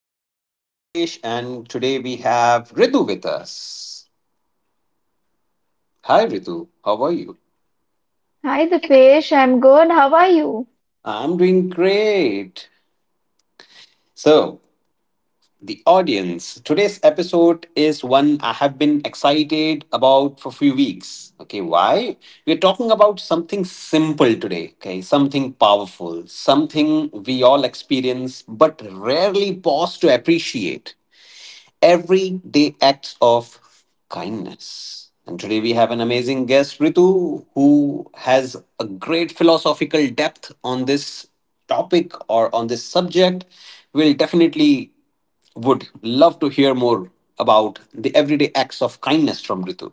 your friend Dipesh, and today we have Ritu with us. Hi, Ritu. How are you? Hi, Dipesh. I'm good. How are you? I'm doing great. So, the audience, today's episode is one I have been excited about for a few weeks. Okay, why? We're talking about something simple today, okay? Something powerful, something we all experience but rarely pause to appreciate. Everyday acts of kindness. And today we have an amazing guest, Ritu, who has a great philosophical depth on this topic or on this subject. We'll definitely would love to hear more about the everyday acts of kindness from Ritu.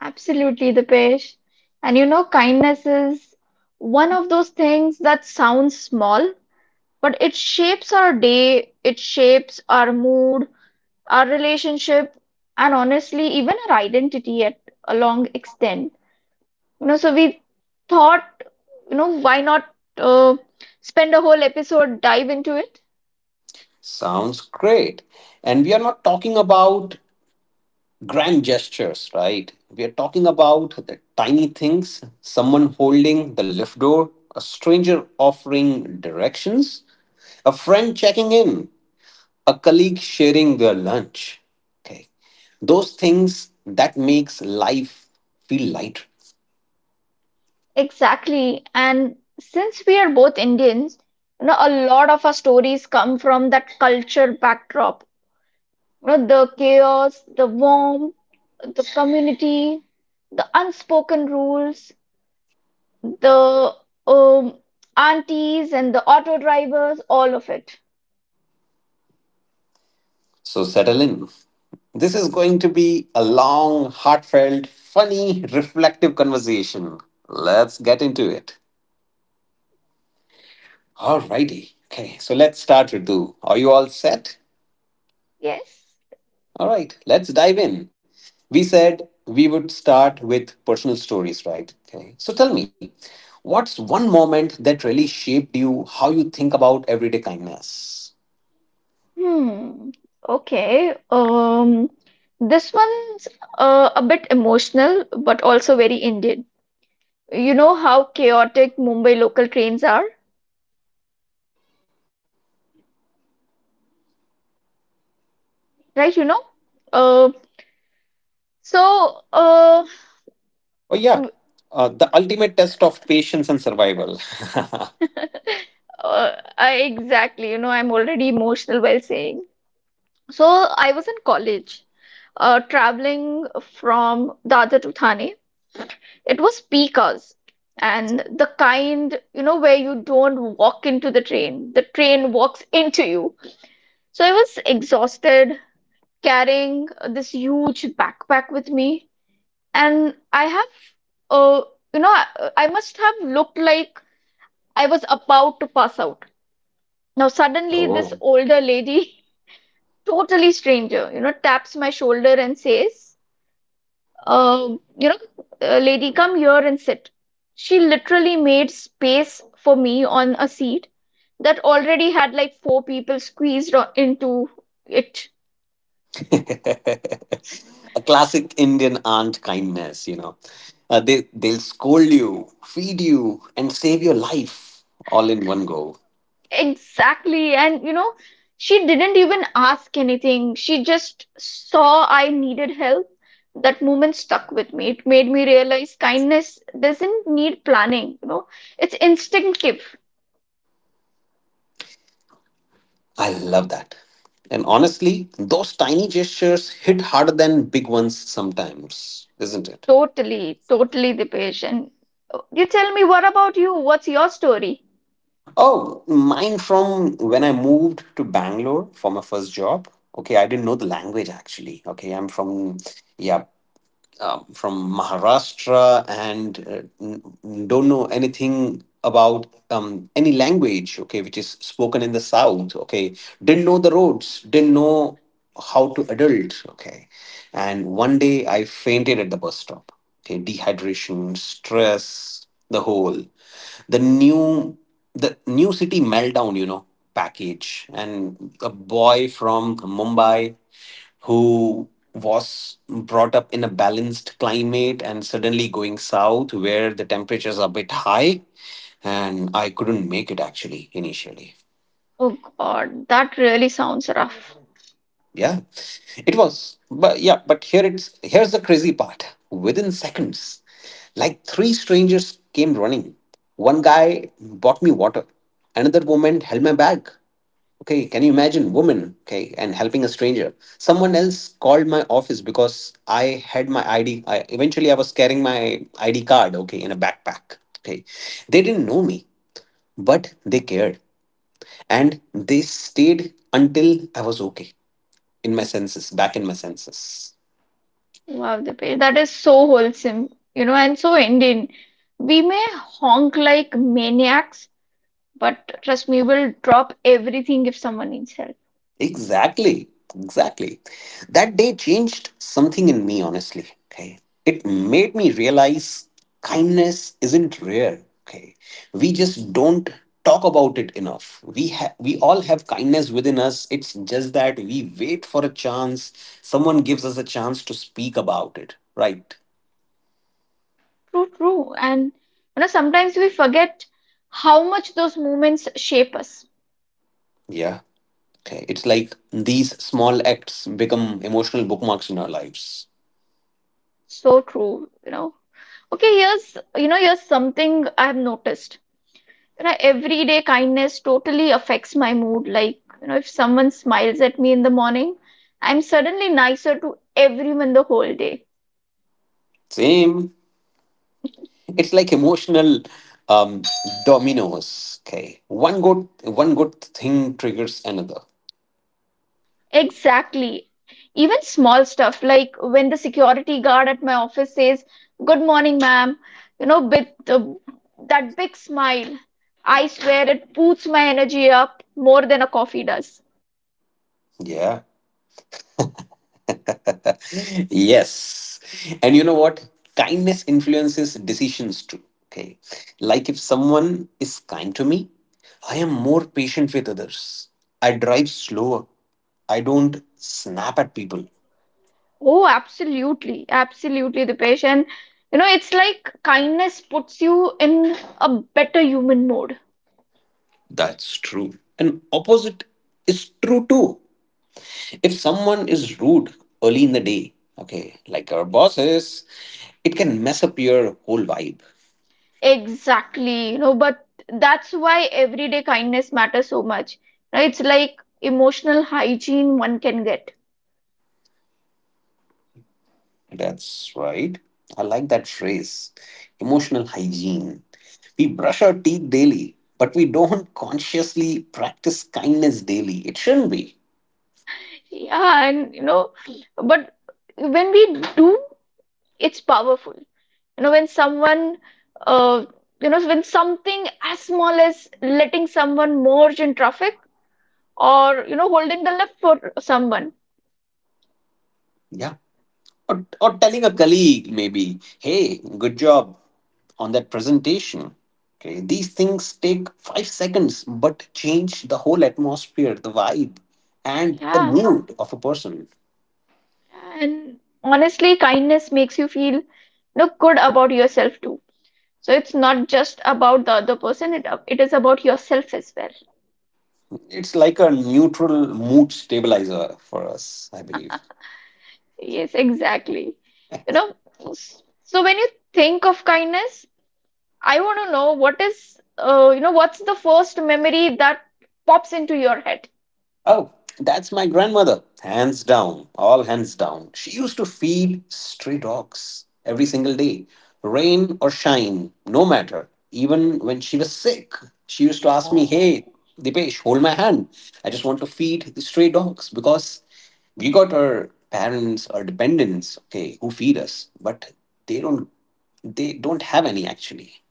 Absolutely, Dipesh. And you know, kindness is one of those things that sounds small, but it shapes our day, it shapes our mood, our relationship, and honestly, even our identity at a long extent. You know, so we thought, why not uh, spend a whole episode dive into it? Sounds great. And we are not talking about grand gestures, right? We are talking about the tiny things: someone holding the lift door, a stranger offering directions, a friend checking in, a colleague sharing their lunch. Okay. Those things that makes life feel lighter. Exactly. And since we are both Indians, you know, a lot of our stories come from that culture backdrop. You know, the chaos, the warmth, the community, the unspoken rules, the um, aunties and the auto drivers, all of it. So settle in. This is going to be a long, heartfelt, funny, reflective conversation. Let's get into it. Alrighty. Okay, so let's start, Ritu. Are you all set? Yes. All right, let's dive in. We said we would start with personal stories, right? Okay. So tell me, what's one moment that really shaped you, how you think about everyday kindness? Hmm. Okay. This one's a bit emotional, but also very Indian. You know how chaotic Mumbai local trains are, right? Uh, so uh, Oh, yeah. Uh, the ultimate test of patience and survival. uh, I exactly, you know, I'm already emotional while saying. So I was in college, traveling from Dadar to Thane. It was peak hours, and the kind, you know, where you don't walk into the train walks into you. So I was exhausted, carrying this huge backpack with me. And I have, uh, you know, I must have looked like I was about to pass out. Now, suddenly, this Oh. older lady, totally stranger, you know, taps my shoulder and says, um, you know, lady, come here and sit. She literally made space for me on a seat that already had like four people into it. A classic Indian aunt kindness, you know. They'll scold you, feed you, and save your life all in one go. Exactly. And you know, she didn't even ask anything. She just saw I needed help. That moment stuck with me. It made me realize kindness doesn't need planning, you know. It's instinctive. I love that. And honestly, those tiny gestures hit harder than big ones sometimes, isn't it? Totally, totally the patient. You tell me, what about you? What's your story? Oh, mine from when I moved to Bangalore for my first job. Okay, I didn't know the language actually. Okay, I'm from, yeah, from Maharashtra, and don't know anything about any language, okay, which is spoken in the South, okay, didn't know the roads, didn't know how to adult, okay. And one day I fainted at the bus stop, okay, dehydration, stress, the whole, the new, the new city meltdown, you know, package. And a boy from Mumbai who was brought up in a balanced climate and suddenly going south where the temperatures are a bit high, and I couldn't make it actually initially. Oh God, that really sounds rough. Yeah, it was, but yeah, but here it's here's the crazy part: within seconds, like three strangers came running. One guy bought me water, another woman held my bag. Okay, can you imagine, woman, okay, and helping a stranger? Someone else called my office because I had my ID. I eventually I was carrying my ID card, okay, in a backpack. Okay. They didn't know me, but they cared. And they stayed until I was okay, in my senses, back in my senses. Wow, the page. That is so wholesome, you know, and so Indian. We may honk like maniacs, but trust me, we'll drop everything if someone needs help. Exactly, exactly. That day changed something in me, honestly. Okay. It made me realize kindness isn't rare. Okay. We just don't talk about it enough. We all have kindness within us. It's just that we wait for a chance. Someone gives us a chance to speak about it. Right. True, true. And you know, sometimes we forget how much those moments shape us. Yeah. Okay. It's like these small acts become emotional bookmarks in our lives. So true, you know. Okay, here's something I've noticed. You know, everyday kindness totally affects my mood. Like, you know, if someone smiles at me in the morning, I'm suddenly nicer to everyone the whole day. Same. It's like emotional um, dominoes. Okay, one good thing triggers another. Exactly. Even small stuff like when the security guard at my office says, "Good morning, ma'am," you know, with that big smile, I swear it boosts my energy up more than a coffee does. Yeah. Yes. And you know what? Kindness influences decisions too. Okay. Like if someone is kind to me, I am more patient with others. I drive slower. I don't snap at people. Oh, absolutely, absolutely, Dipesh. And you know, it's like kindness puts you in a better human mode. That's true. And opposite is true too. If someone is rude early in the day, okay, like our bosses, it can mess up your whole vibe. Exactly, you know, but that's why everyday kindness matters so much. Right? It's like emotional hygiene one can get. That's right. I like that phrase, emotional hygiene. We brush our teeth daily, but we don't consciously practice kindness daily. It shouldn't be. Yeah, and you know, but when we do, it's powerful. You know, uh, when something as small as letting someone merge in traffic or, you know, holding the left for someone. Yeah. Or telling a colleague, maybe, hey, good job on that presentation. Okay, these things take 5 seconds but change the whole atmosphere, the vibe, and the Yeah. mood of a person. And honestly, kindness makes you feel, you know, good about yourself too. So it's not just about the other person, it is about yourself as well. It's like a neutral mood stabilizer for us, I believe. Yes, exactly. You know, so when you think of kindness, I want to know what is, what's the first memory that pops into your head? Oh, that's my grandmother. Hands down, all hands down. She used to feed stray dogs every single day, rain or shine, no matter. Even when she was sick, she used to ask me, hey, Oh, Dipesh, hold my hand. I just want to feed the stray dogs because we got our parents or dependents, okay, who feed us, but they don't they don't have any actually.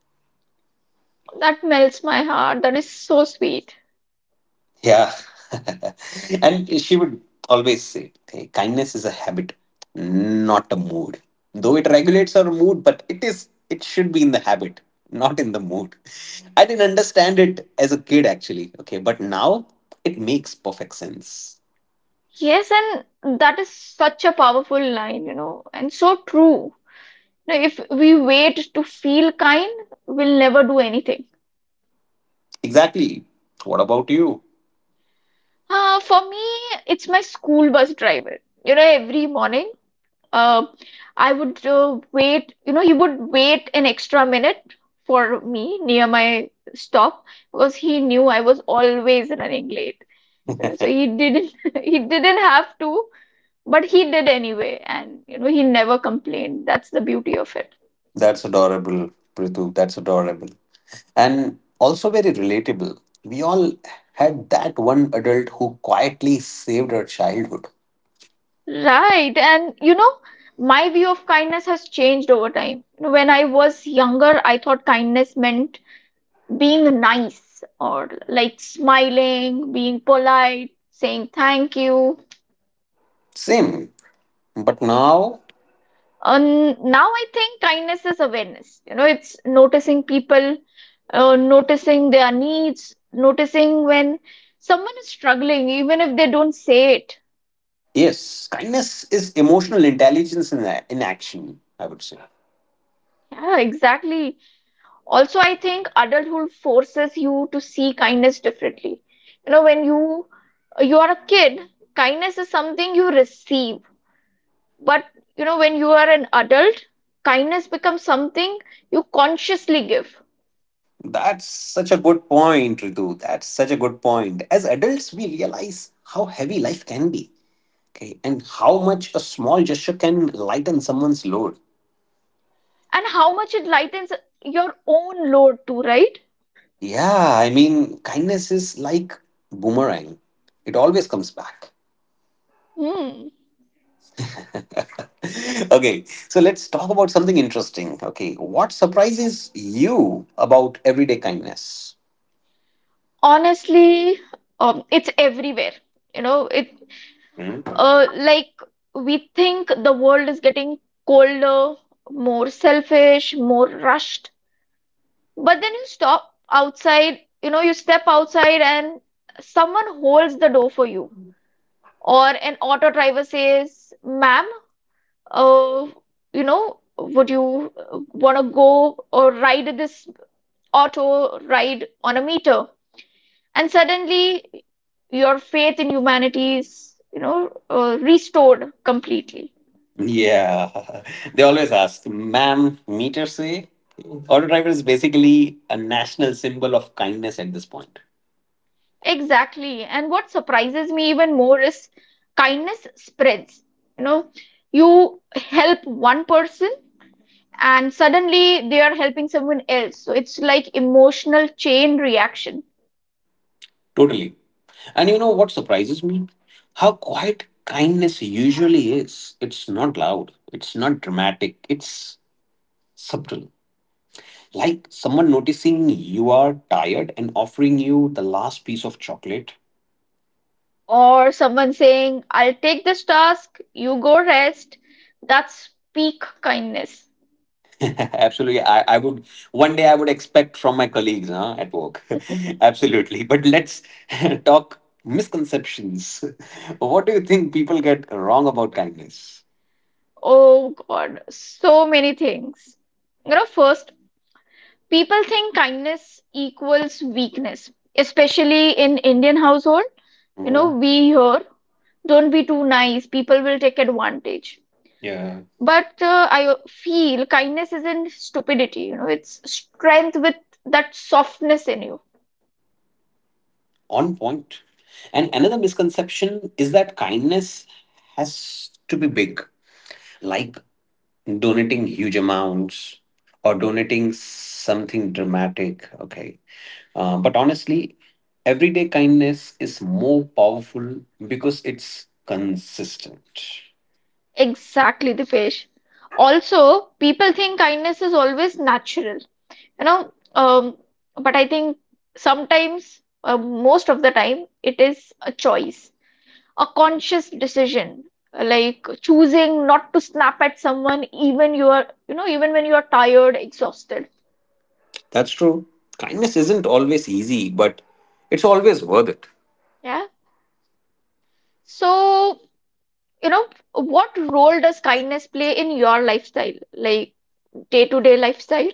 that melts my heart. That is so sweet. Yeah. And she would always say, hey, kindness is a habit, not a mood. Though it regulates our mood, but it is it should be in the habit, not in the mood. I didn't understand it as a kid actually. Okay, but now it makes perfect sense. Yes, and that is such a powerful line, you know, and so true. Now, if we wait to feel kind, we'll never do anything. Exactly. What about you? For me, it's my school bus driver. You know, every morning uh, I would wait, you know, he would wait an extra minute for me near my stop because he knew I was always running late. You know, so he didn't he didn't have to, but he did anyway, and you know, he never complained. That's the beauty of it. That's adorable, Prithu. That's adorable. And also very relatable. We all had that one adult who quietly saved our childhood. Right. And you know, my view of kindness has changed over time. You know, when I was younger, I thought kindness meant being nice or like smiling, being polite, saying thank you. Same. But now, And now I think kindness is awareness. You know, it's noticing people, noticing their needs, noticing when someone is struggling, even if they don't say it. yes, kindness is emotional intelligence in action, I would say. Yeah, exactly. Also, I think adulthood forces you to see kindness differently. You know, when you are a kid, kindness is something you receive. But you know, when you are an adult, kindness becomes something you consciously give, That's such a good point, Ritu. That's such a good point. As adults, we realize how heavy life can be, okay, and how much a small gesture can lighten someone's load. and how much it lightens your own load too, right? Yeah, I mean, kindness is like boomerang. It always comes back. Hmm. Okay, so let's talk about something interesting. Okay, what surprises you about everyday kindness? Honestly, it's everywhere. You know, it Like we think the world is getting colder, more selfish, more rushed, but then you stop outside. You know, you step outside and someone holds the door for you, or an auto driver says, "Ma'am." uh, would you want to go or ride this auto ride on a meter? And suddenly, your faith in humanity is, you know, restored completely. Yeah, they always ask, ma'am, meter say? Auto driver is basically a national symbol of kindness at this point. Exactly. And what surprises me even more is kindness spreads. You know, you help one person and suddenly they are helping someone else. So it's like emotional chain reaction. Totally. And you know what surprises me? How quiet kindness usually is. It's not loud, it's not dramatic, it's subtle. Like someone noticing you are tired and offering you the last piece of chocolate. Or someone saying, "I'll take this task, you go rest." That's peak kindness. Absolutely. I would one day I would expect from my colleagues, huh, at work. Absolutely. But let's talk misconceptions. What do you think people get wrong about kindness? Oh God, so many things. You know, first, people think kindness equals weakness, especially in Indian household. You Hmm. know, we hear, don't be too nice, people will take advantage. Yeah. But I feel kindness isn't stupidity, you know, it's strength with that softness in you. On point. And another misconception is that kindness has to be big, like donating huge amounts or donating something dramatic. Okay. But honestly, everyday kindness is more powerful because it's consistent. Exactly, the Dipesh. Also, people think kindness is always natural, you know, um, but I think sometimes, most of the time, it is a choice, a conscious decision, like choosing not to snap at someone even you are, you know, even when you are tired, exhausted. That's true. Kindness isn't always easy, but it's always worth it. Yeah. So, you know, what role does kindness play in your lifestyle, like day-to-day lifestyle?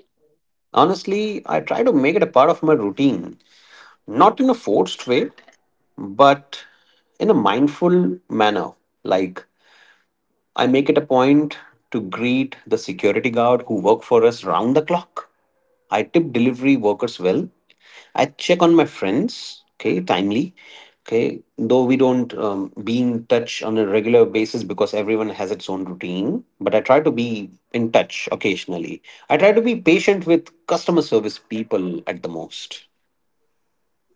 Honestly, I try to make it a part of my routine, not in a forced way, but in a mindful manner. Like, I make it a point to greet the security guard who work for us round the clock. I tip delivery workers well. I check on my friends, okay, timely, okay, though we don't be in touch on a regular basis because everyone has its own routine, but I try to be in touch occasionally. I try to be patient with customer service people at the most.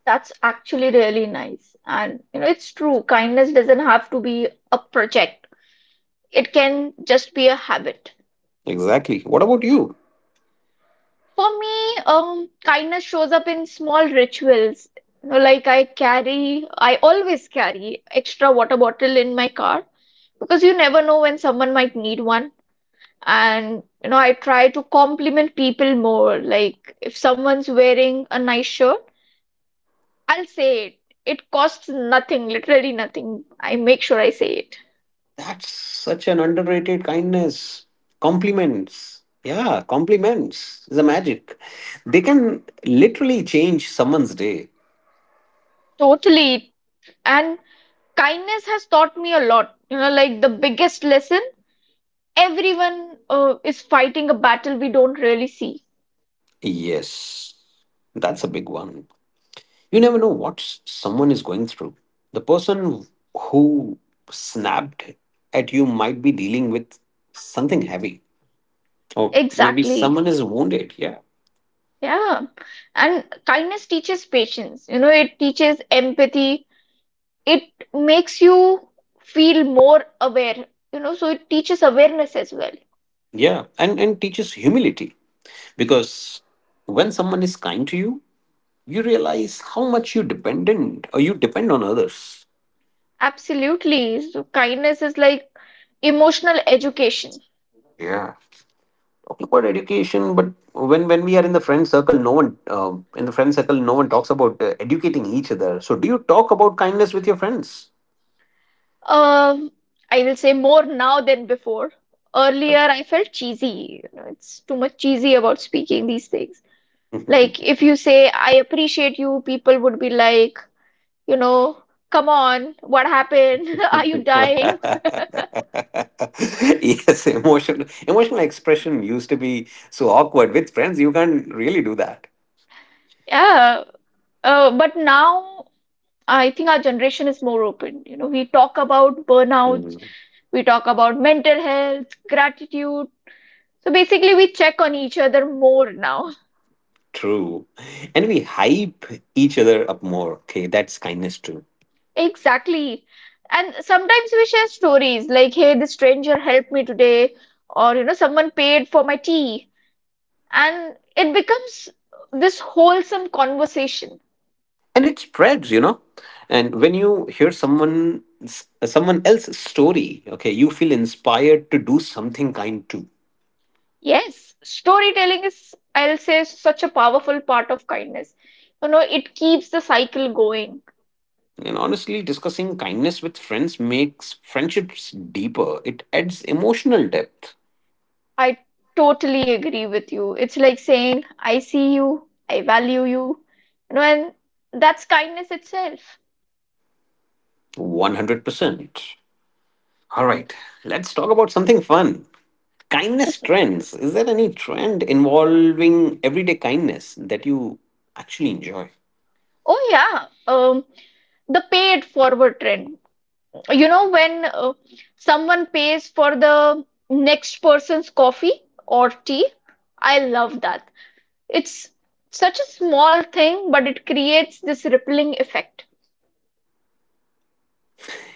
That's actually really nice. And you know, it's true, kindness doesn't have to be a project. It can just be a habit. Exactly. What about you? For me, kindness shows up in small rituals. You know, I always carry extra water bottle in my car because you never know when someone might need one. And you know, I try to compliment people more. Like if someone's wearing a nice shirt, I'll say it. It costs nothing, literally nothing. I make sure I say it. That's such an underrated kindness. Compliments. Yeah, compliments is a magic. They can literally change someone's day. Totally. And kindness has taught me a lot. You know, like the biggest lesson, everyone is fighting a battle we don't really see. Yes, that's a big one. You never know what someone is going through. The person who snapped at you might be dealing with something heavy, or maybe Exactly. someone is wounded. Yeah, Yeah. And kindness teaches patience. You know, it teaches empathy. It makes you feel more aware. You know, so it teaches awareness as well. yeah, and teaches humility because when someone is kind to you, you realize how much you dependent or you depend on others. Absolutely. So kindness is like emotional education. Yeah, talking about education, but when we are in the friend circle, no one in the friend circle, no one talks about educating each other. So, do you talk about kindness with your friends? Um, I will say more now than before. Uh, Earlier, I felt cheesy. You know, it's too much cheesy about speaking these things. Like, if you say, "I appreciate you," people would be like, you know, come on, what happened? Are you dying? yes, emotional expression used to be so awkward with friends. You can't really do that. Yeah. But now, I think our generation is more open. You know, we talk about burnouts, Mm, we talk about mental health, gratitude. So basically, we check on each other more now. true, and we hype each other up more. Okay, that's kindness too, Exactly. And sometimes we share stories like, "Hey, this stranger helped me today," or, you know, "Someone paid for my tea." And it becomes this wholesome conversation. and it spreads. You know, and when you hear someone else's story, okay, you feel inspired to do something kind too. Yes, storytelling is, I'll say, such a powerful part of kindness. You know, it keeps the cycle going. And honestly, discussing kindness with friends makes friendships deeper. It adds emotional depth. I totally agree with you. It's like saying, "I see you, I value you," you know, and that's kindness itself. 100%. All right, let's talk about something fun. Kindness trends. Is there any trend involving everyday kindness that you actually enjoy? Oh yeah, um, the paid forward trend. You know, when someone pays for the next person's coffee or tea, I love that. It's such a small thing, but it creates this rippling effect.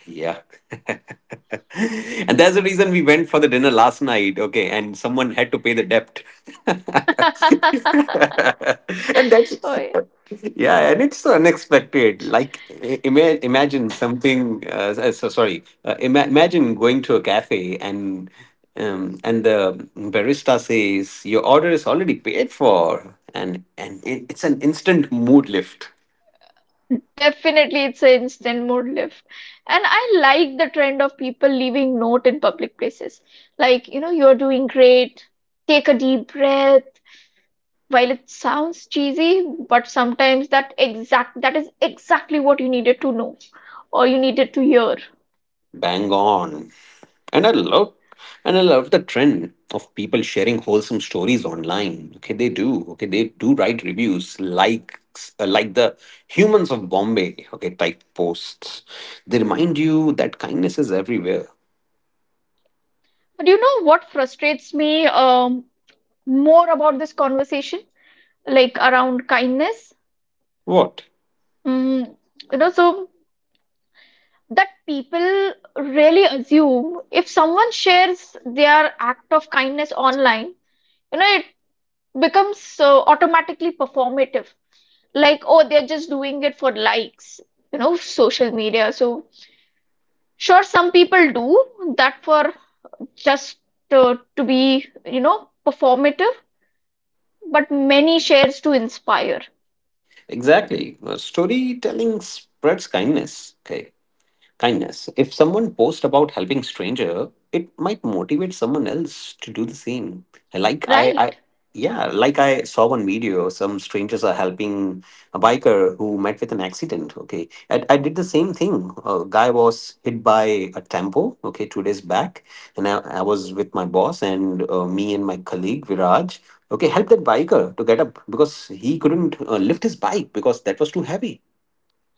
Yeah. And that's the reason we went for the dinner last night, okay, and someone had to pay the debt. And that's Oh, yeah. yeah, and it's so unexpected. Like imagine something so sorry, imagine going to a cafe and the barista says your order is already paid for, and it, it's an instant mood lift. Definitely, it's an instant mood lift. And I like the trend of people leaving note in public places. Like, you know, "You're doing great. Take a deep breath." While it sounds cheesy, but sometimes that is exactly what you needed to know or you needed to hear. Bang on. and i love and I love the trend of people sharing wholesome stories online. Okay they do, okay they do write reviews, like the humans of Bombay, okay, type posts. They remind you that kindness is everywhere. But you know what frustrates me more about this conversation, like around kindness? What? Mm, you know, so that people really assume if someone shares their act of kindness online, you know, it becomes automatically performative. Like, oh, they're just doing it for likes, you know, social media. So sure, some people do that for just to be, you know, performative, but many shares to inspire, Exactly. Storytelling spreads kindness, okay. Kindness. If someone posts about helping stranger, it might motivate someone else to do the same. Like I right? Yeah, like I saw one video, some strangers are helping a biker who met with an accident. Okay. I did the same thing. A guy was hit by a tempo, okay, 2 days back. And I was with my boss and me and my colleague Viraj, okay, helped that biker to get up because he couldn't lift his bike because that was too heavy.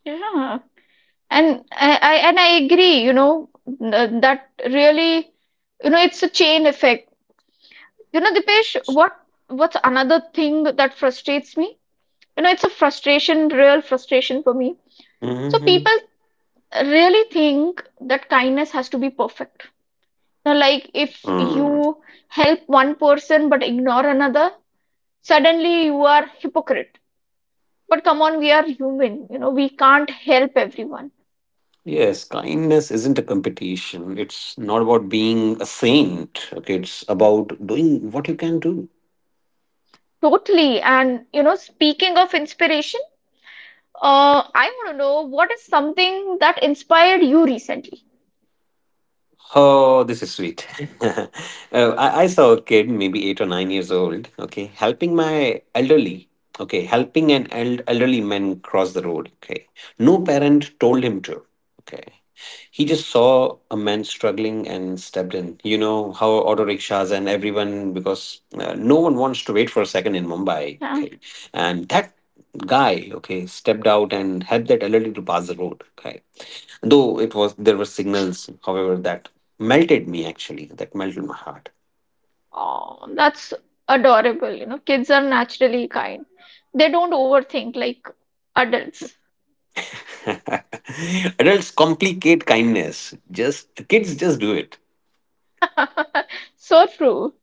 Yeah. And I agree, you know, that really, you know, it's a chain effect. You know, Dipesh, what's another thing that frustrates me? You know, it's a frustration, real frustration for me. So Mm-hmm. people really think that kindness has to be perfect. Now, like if you help one person but ignore another, suddenly you are hypocrite. But come on, we are human, you know, we can't help everyone. Yes, kindness isn't a competition. It's not about being a saint. Okay, it's about doing what you can do. Totally. And, you know, speaking of inspiration, I want to know what is something that inspired you recently? Oh, this is sweet. uh, I saw a kid, maybe 8 or 9 years old, okay, helping an elderly man cross the road, okay. No parent told him to, okay. He just saw a man struggling and stepped in. You know how auto rickshaws and everyone, because no one wants to wait for a second in Mumbai. Yeah. Okay. And that guy, okay, stepped out and helped that elderly to pass the road. Okay. Though there were signals, however, that melted me actually, that melted my heart. Oh, that's adorable. You know, kids are naturally kind. They don't overthink like adults. Adults complicate kindness. Just kids just do it. So true.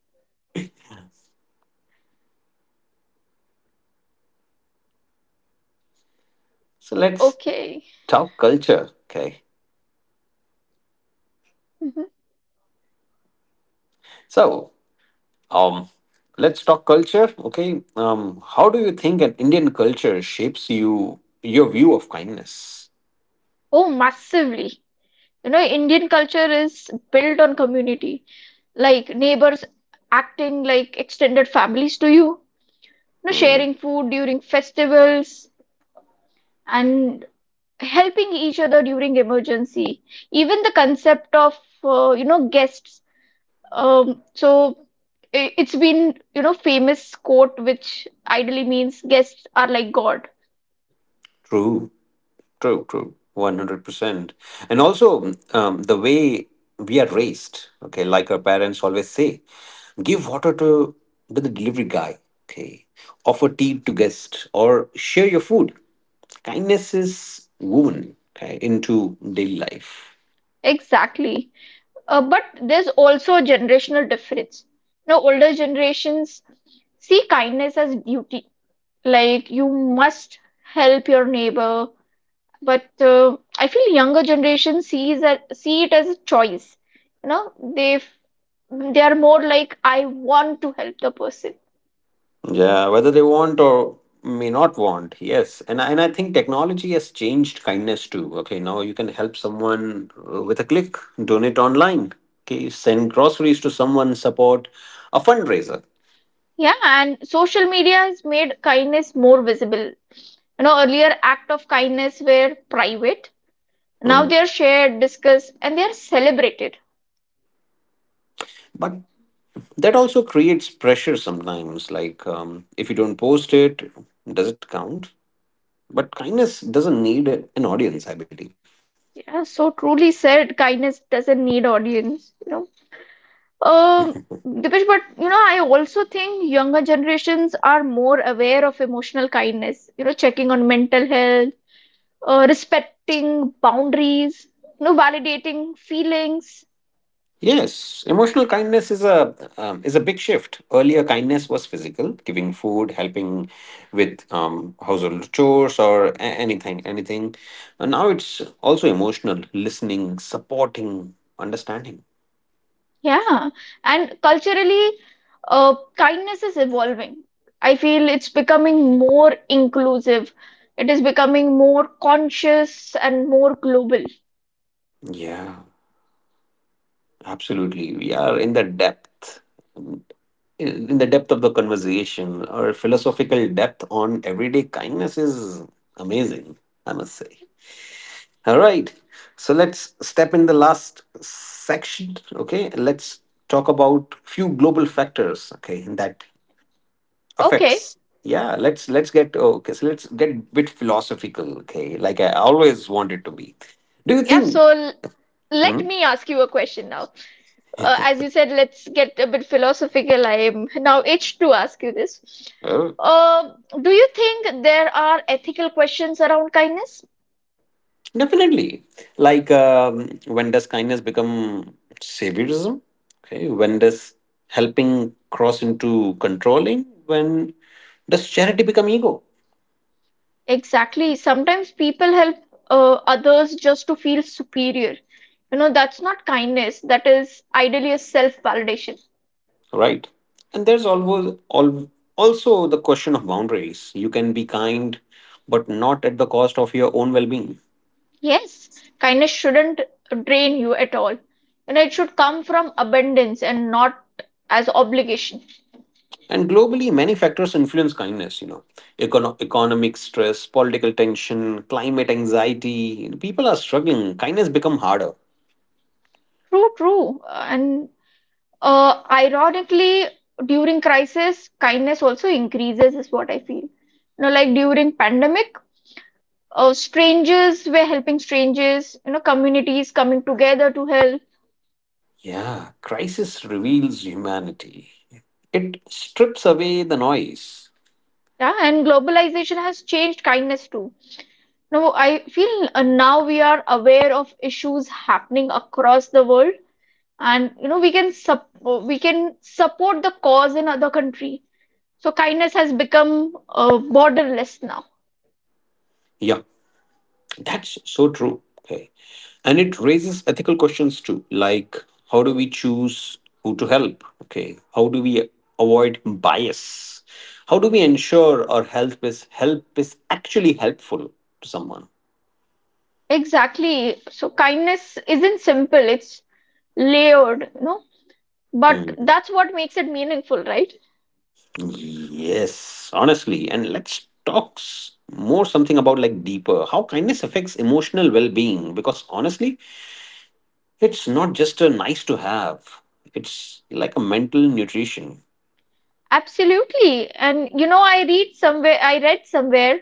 So let's Okay. talk culture. Okay. Mhm. So Um, let's talk culture. Okay. How do you think an Indian culture shapes your view of kindness? Oh, massively. You know, Indian culture is built on community, like neighbors acting like extended families to you know, Mhm. sharing food during festivals and helping each other during emergency. Even the concept of, you know, guests. So it's been, you know, famous quote which ideally means guests are like God. True, true, true. 100%. And also, the way we are raised. Okay, like our parents always say, give water to the delivery guy. Okay, offer tea to guest or share your food. Kindness is woven, okay, into daily life. Exactly. But there's also a generational difference. Now, older generations see kindness as duty, like you must help your neighbor. But I feel younger generation see it as a choice. You know, they are more like I want to help the person. Yeah, whether they want or may not want. Yes. And I think technology has changed kindness too. Okay, now you can help someone with a click, donate online, okay, send groceries to someone, support a fundraiser. Yeah, and social media has made kindness more visible. You know, earlier act of kindness were private. Now Mhm. they are shared, discussed, and they are celebrated. But that also creates pressure sometimes. Like, if you don't post it, does it count? But kindness doesn't need an audience, I believe. Yeah, so truly said, kindness doesn't need audience, you know. Um, Dipesh, but you know, I also think younger generations are more aware of emotional kindness, you know, checking on mental health, respecting boundaries, you know, validating feelings. Yes, emotional kindness is a big shift. Earlier, kindness was physical, giving food, helping with household chores, or anything. And now it's also emotional, listening, supporting, understanding. Yeah, and culturally, kindness is evolving. I feel it's becoming more inclusive. It is becoming more conscious and more global. Yeah, absolutely. We are in the depth of the conversation, or philosophical depth on everyday kindness is amazing. I must say. All right. So let's step in the last section. Okay. Let's talk about few global factors. Okay, that Okay. affects. Yeah. Let's get okay. So let's get a bit philosophical. Okay, like I always wanted to be. Do you Yeah, think? so l- let Hmm? me ask you a question now. As you said, let's get a bit philosophical. I am now itched to ask you this. Oh, Do you think there are ethical questions around kindness? definitely. Like when does kindness become saviorism? Okay. When does helping cross into controlling? When does charity become ego? Exactly. Sometimes people help others just to feel superior. You know, that's not kindness. That is ideally a self-validation. Right? And there's always also the question of boundaries. You can be kind, but not at the cost of your own well-being. Yes, kindness shouldn't drain you at all. And it should come from abundance and not as obligation. And globally, many factors influence kindness. You know, economic stress, political tension, climate anxiety. People are struggling. Kindness become harder. True, true. And ironically, during crisis, kindness also increases, is what I feel. You know, like during pandemic, strangers were helping strangers, you know, communities coming together to help. Yeah, crisis reveals humanity. It strips away the noise. Yeah, and globalization has changed kindness too. Now, I feel now we are aware of issues happening across the world, and you know, we can support the cause in other country. So kindness has become borderless now. Yeah, that's so true. Okay, and it raises ethical questions too, like how do we choose who to help, okay, how do we avoid bias, how do we ensure our help is actually helpful to someone. Exactly. So kindness isn't simple, it's layered, no? But Hmm. that's what makes it meaningful, right? Yes, honestly, and talk s- more something about like deeper how kindness affects emotional well-being, because honestly it's not just a nice to have, it's like a mental nutrition. Absolutely. And you know, I read somewhere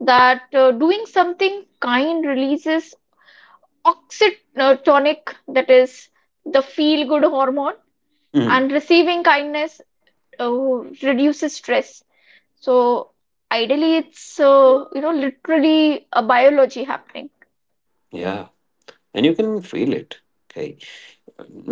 that doing something kind releases oxytonic, that is the feel good hormone, Hmm. and receiving kindness reduces stress. So ideally, it's you know literally a biology happening. Yeah, and you can feel it, okay,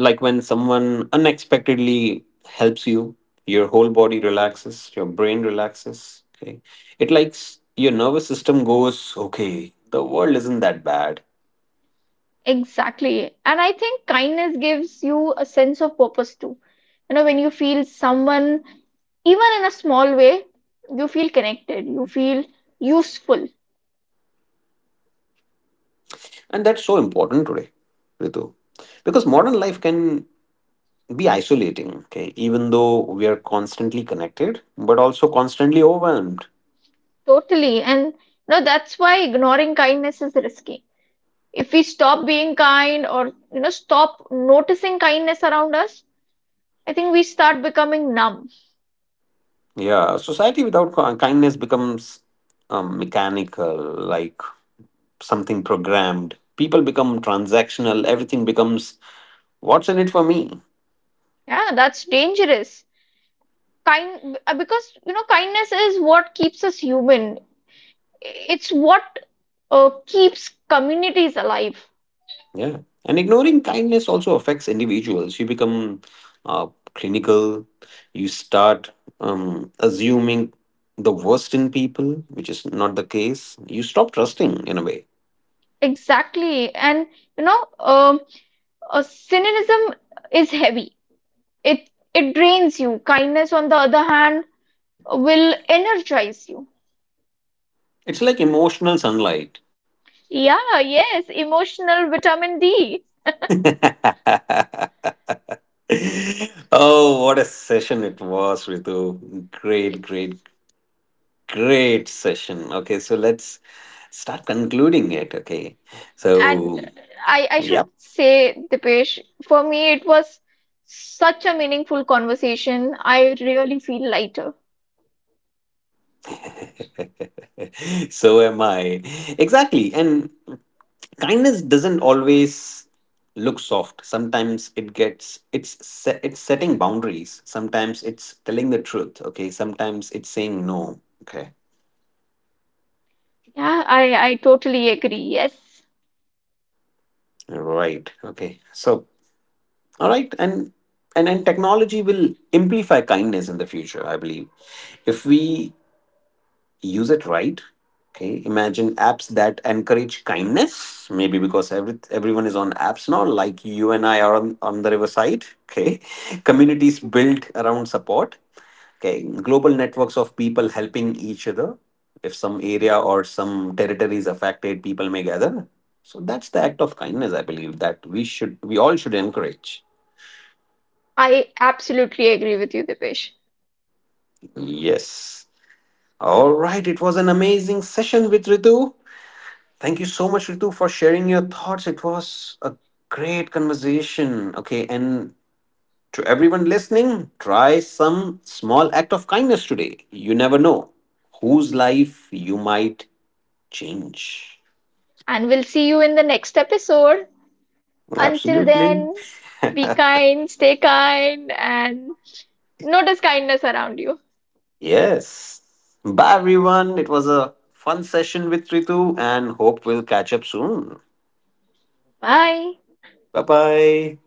like when someone unexpectedly helps you, your whole body relaxes, your brain relaxes, okay, it likes your nervous system goes, okay, the world isn't that bad. Exactly. And I think kindness gives you a sense of purpose too. You know, when you feel someone, even in a small way, you feel connected, you feel useful. And that's so important today, Ritu, because modern life can be isolating, okay, even though we are constantly connected but also constantly overwhelmed. Totally. And you know, that's why ignoring kindness is risky. If we stop being kind or, you know, stop noticing kindness around us, I think we start becoming numb. Yeah, society without kindness becomes mechanical, like something programmed. People become transactional. Everything becomes what's in it for me. Yeah, that's dangerous. Kind, because, you know, kindness is what keeps us human. It's what keeps communities alive. Yeah. And ignoring kindness also affects individuals. You become uh, clinical. You start assuming the worst in people, which is not the case. You stop trusting in a way. Exactly. And you know, cynicism is heavy. It it drains you. Kindness, on the other hand, will energize you. It's like emotional sunlight. Yeah, yes, emotional vitamin D. Oh, what a session it was, Ritu. Great, great, Yes. great session. Okay, so let's start concluding it. Okay, And so I should yep. say, Dipesh, for me it was such a meaningful conversation. I really feel lighter. So am I. Exactly. And kindness doesn't always look soft. Sometimes it's setting boundaries. Sometimes it's telling the truth. Okay, sometimes it's saying no. Okay, Yeah, I totally agree. Yes. right. Okay, so all right, and technology will amplify kindness in the future. I believe if we use it right, okay, imagine apps that encourage kindness, maybe because everyone is on apps now, like you and I are on the riverside. Okay. Communities built around support, okay, global networks of people helping each other. If some area or some territory is affected, people may gather. So that's the act of kindness, I believe, that we all should encourage. I absolutely agree with you, Dipesh. Yes. All right, it was an amazing session with Ritu. Thank you so much, Ritu, for sharing your thoughts. It was a great conversation. Okay, and to everyone listening, try some small act of kindness today. You never know whose life you might change. And we'll see you in the next episode. Until Absolutely. then, be kind, stay kind, and notice kindness around you. Yes. Bye, everyone. It was a fun session with Ritu, and hope we'll catch up soon. Bye. Bye bye.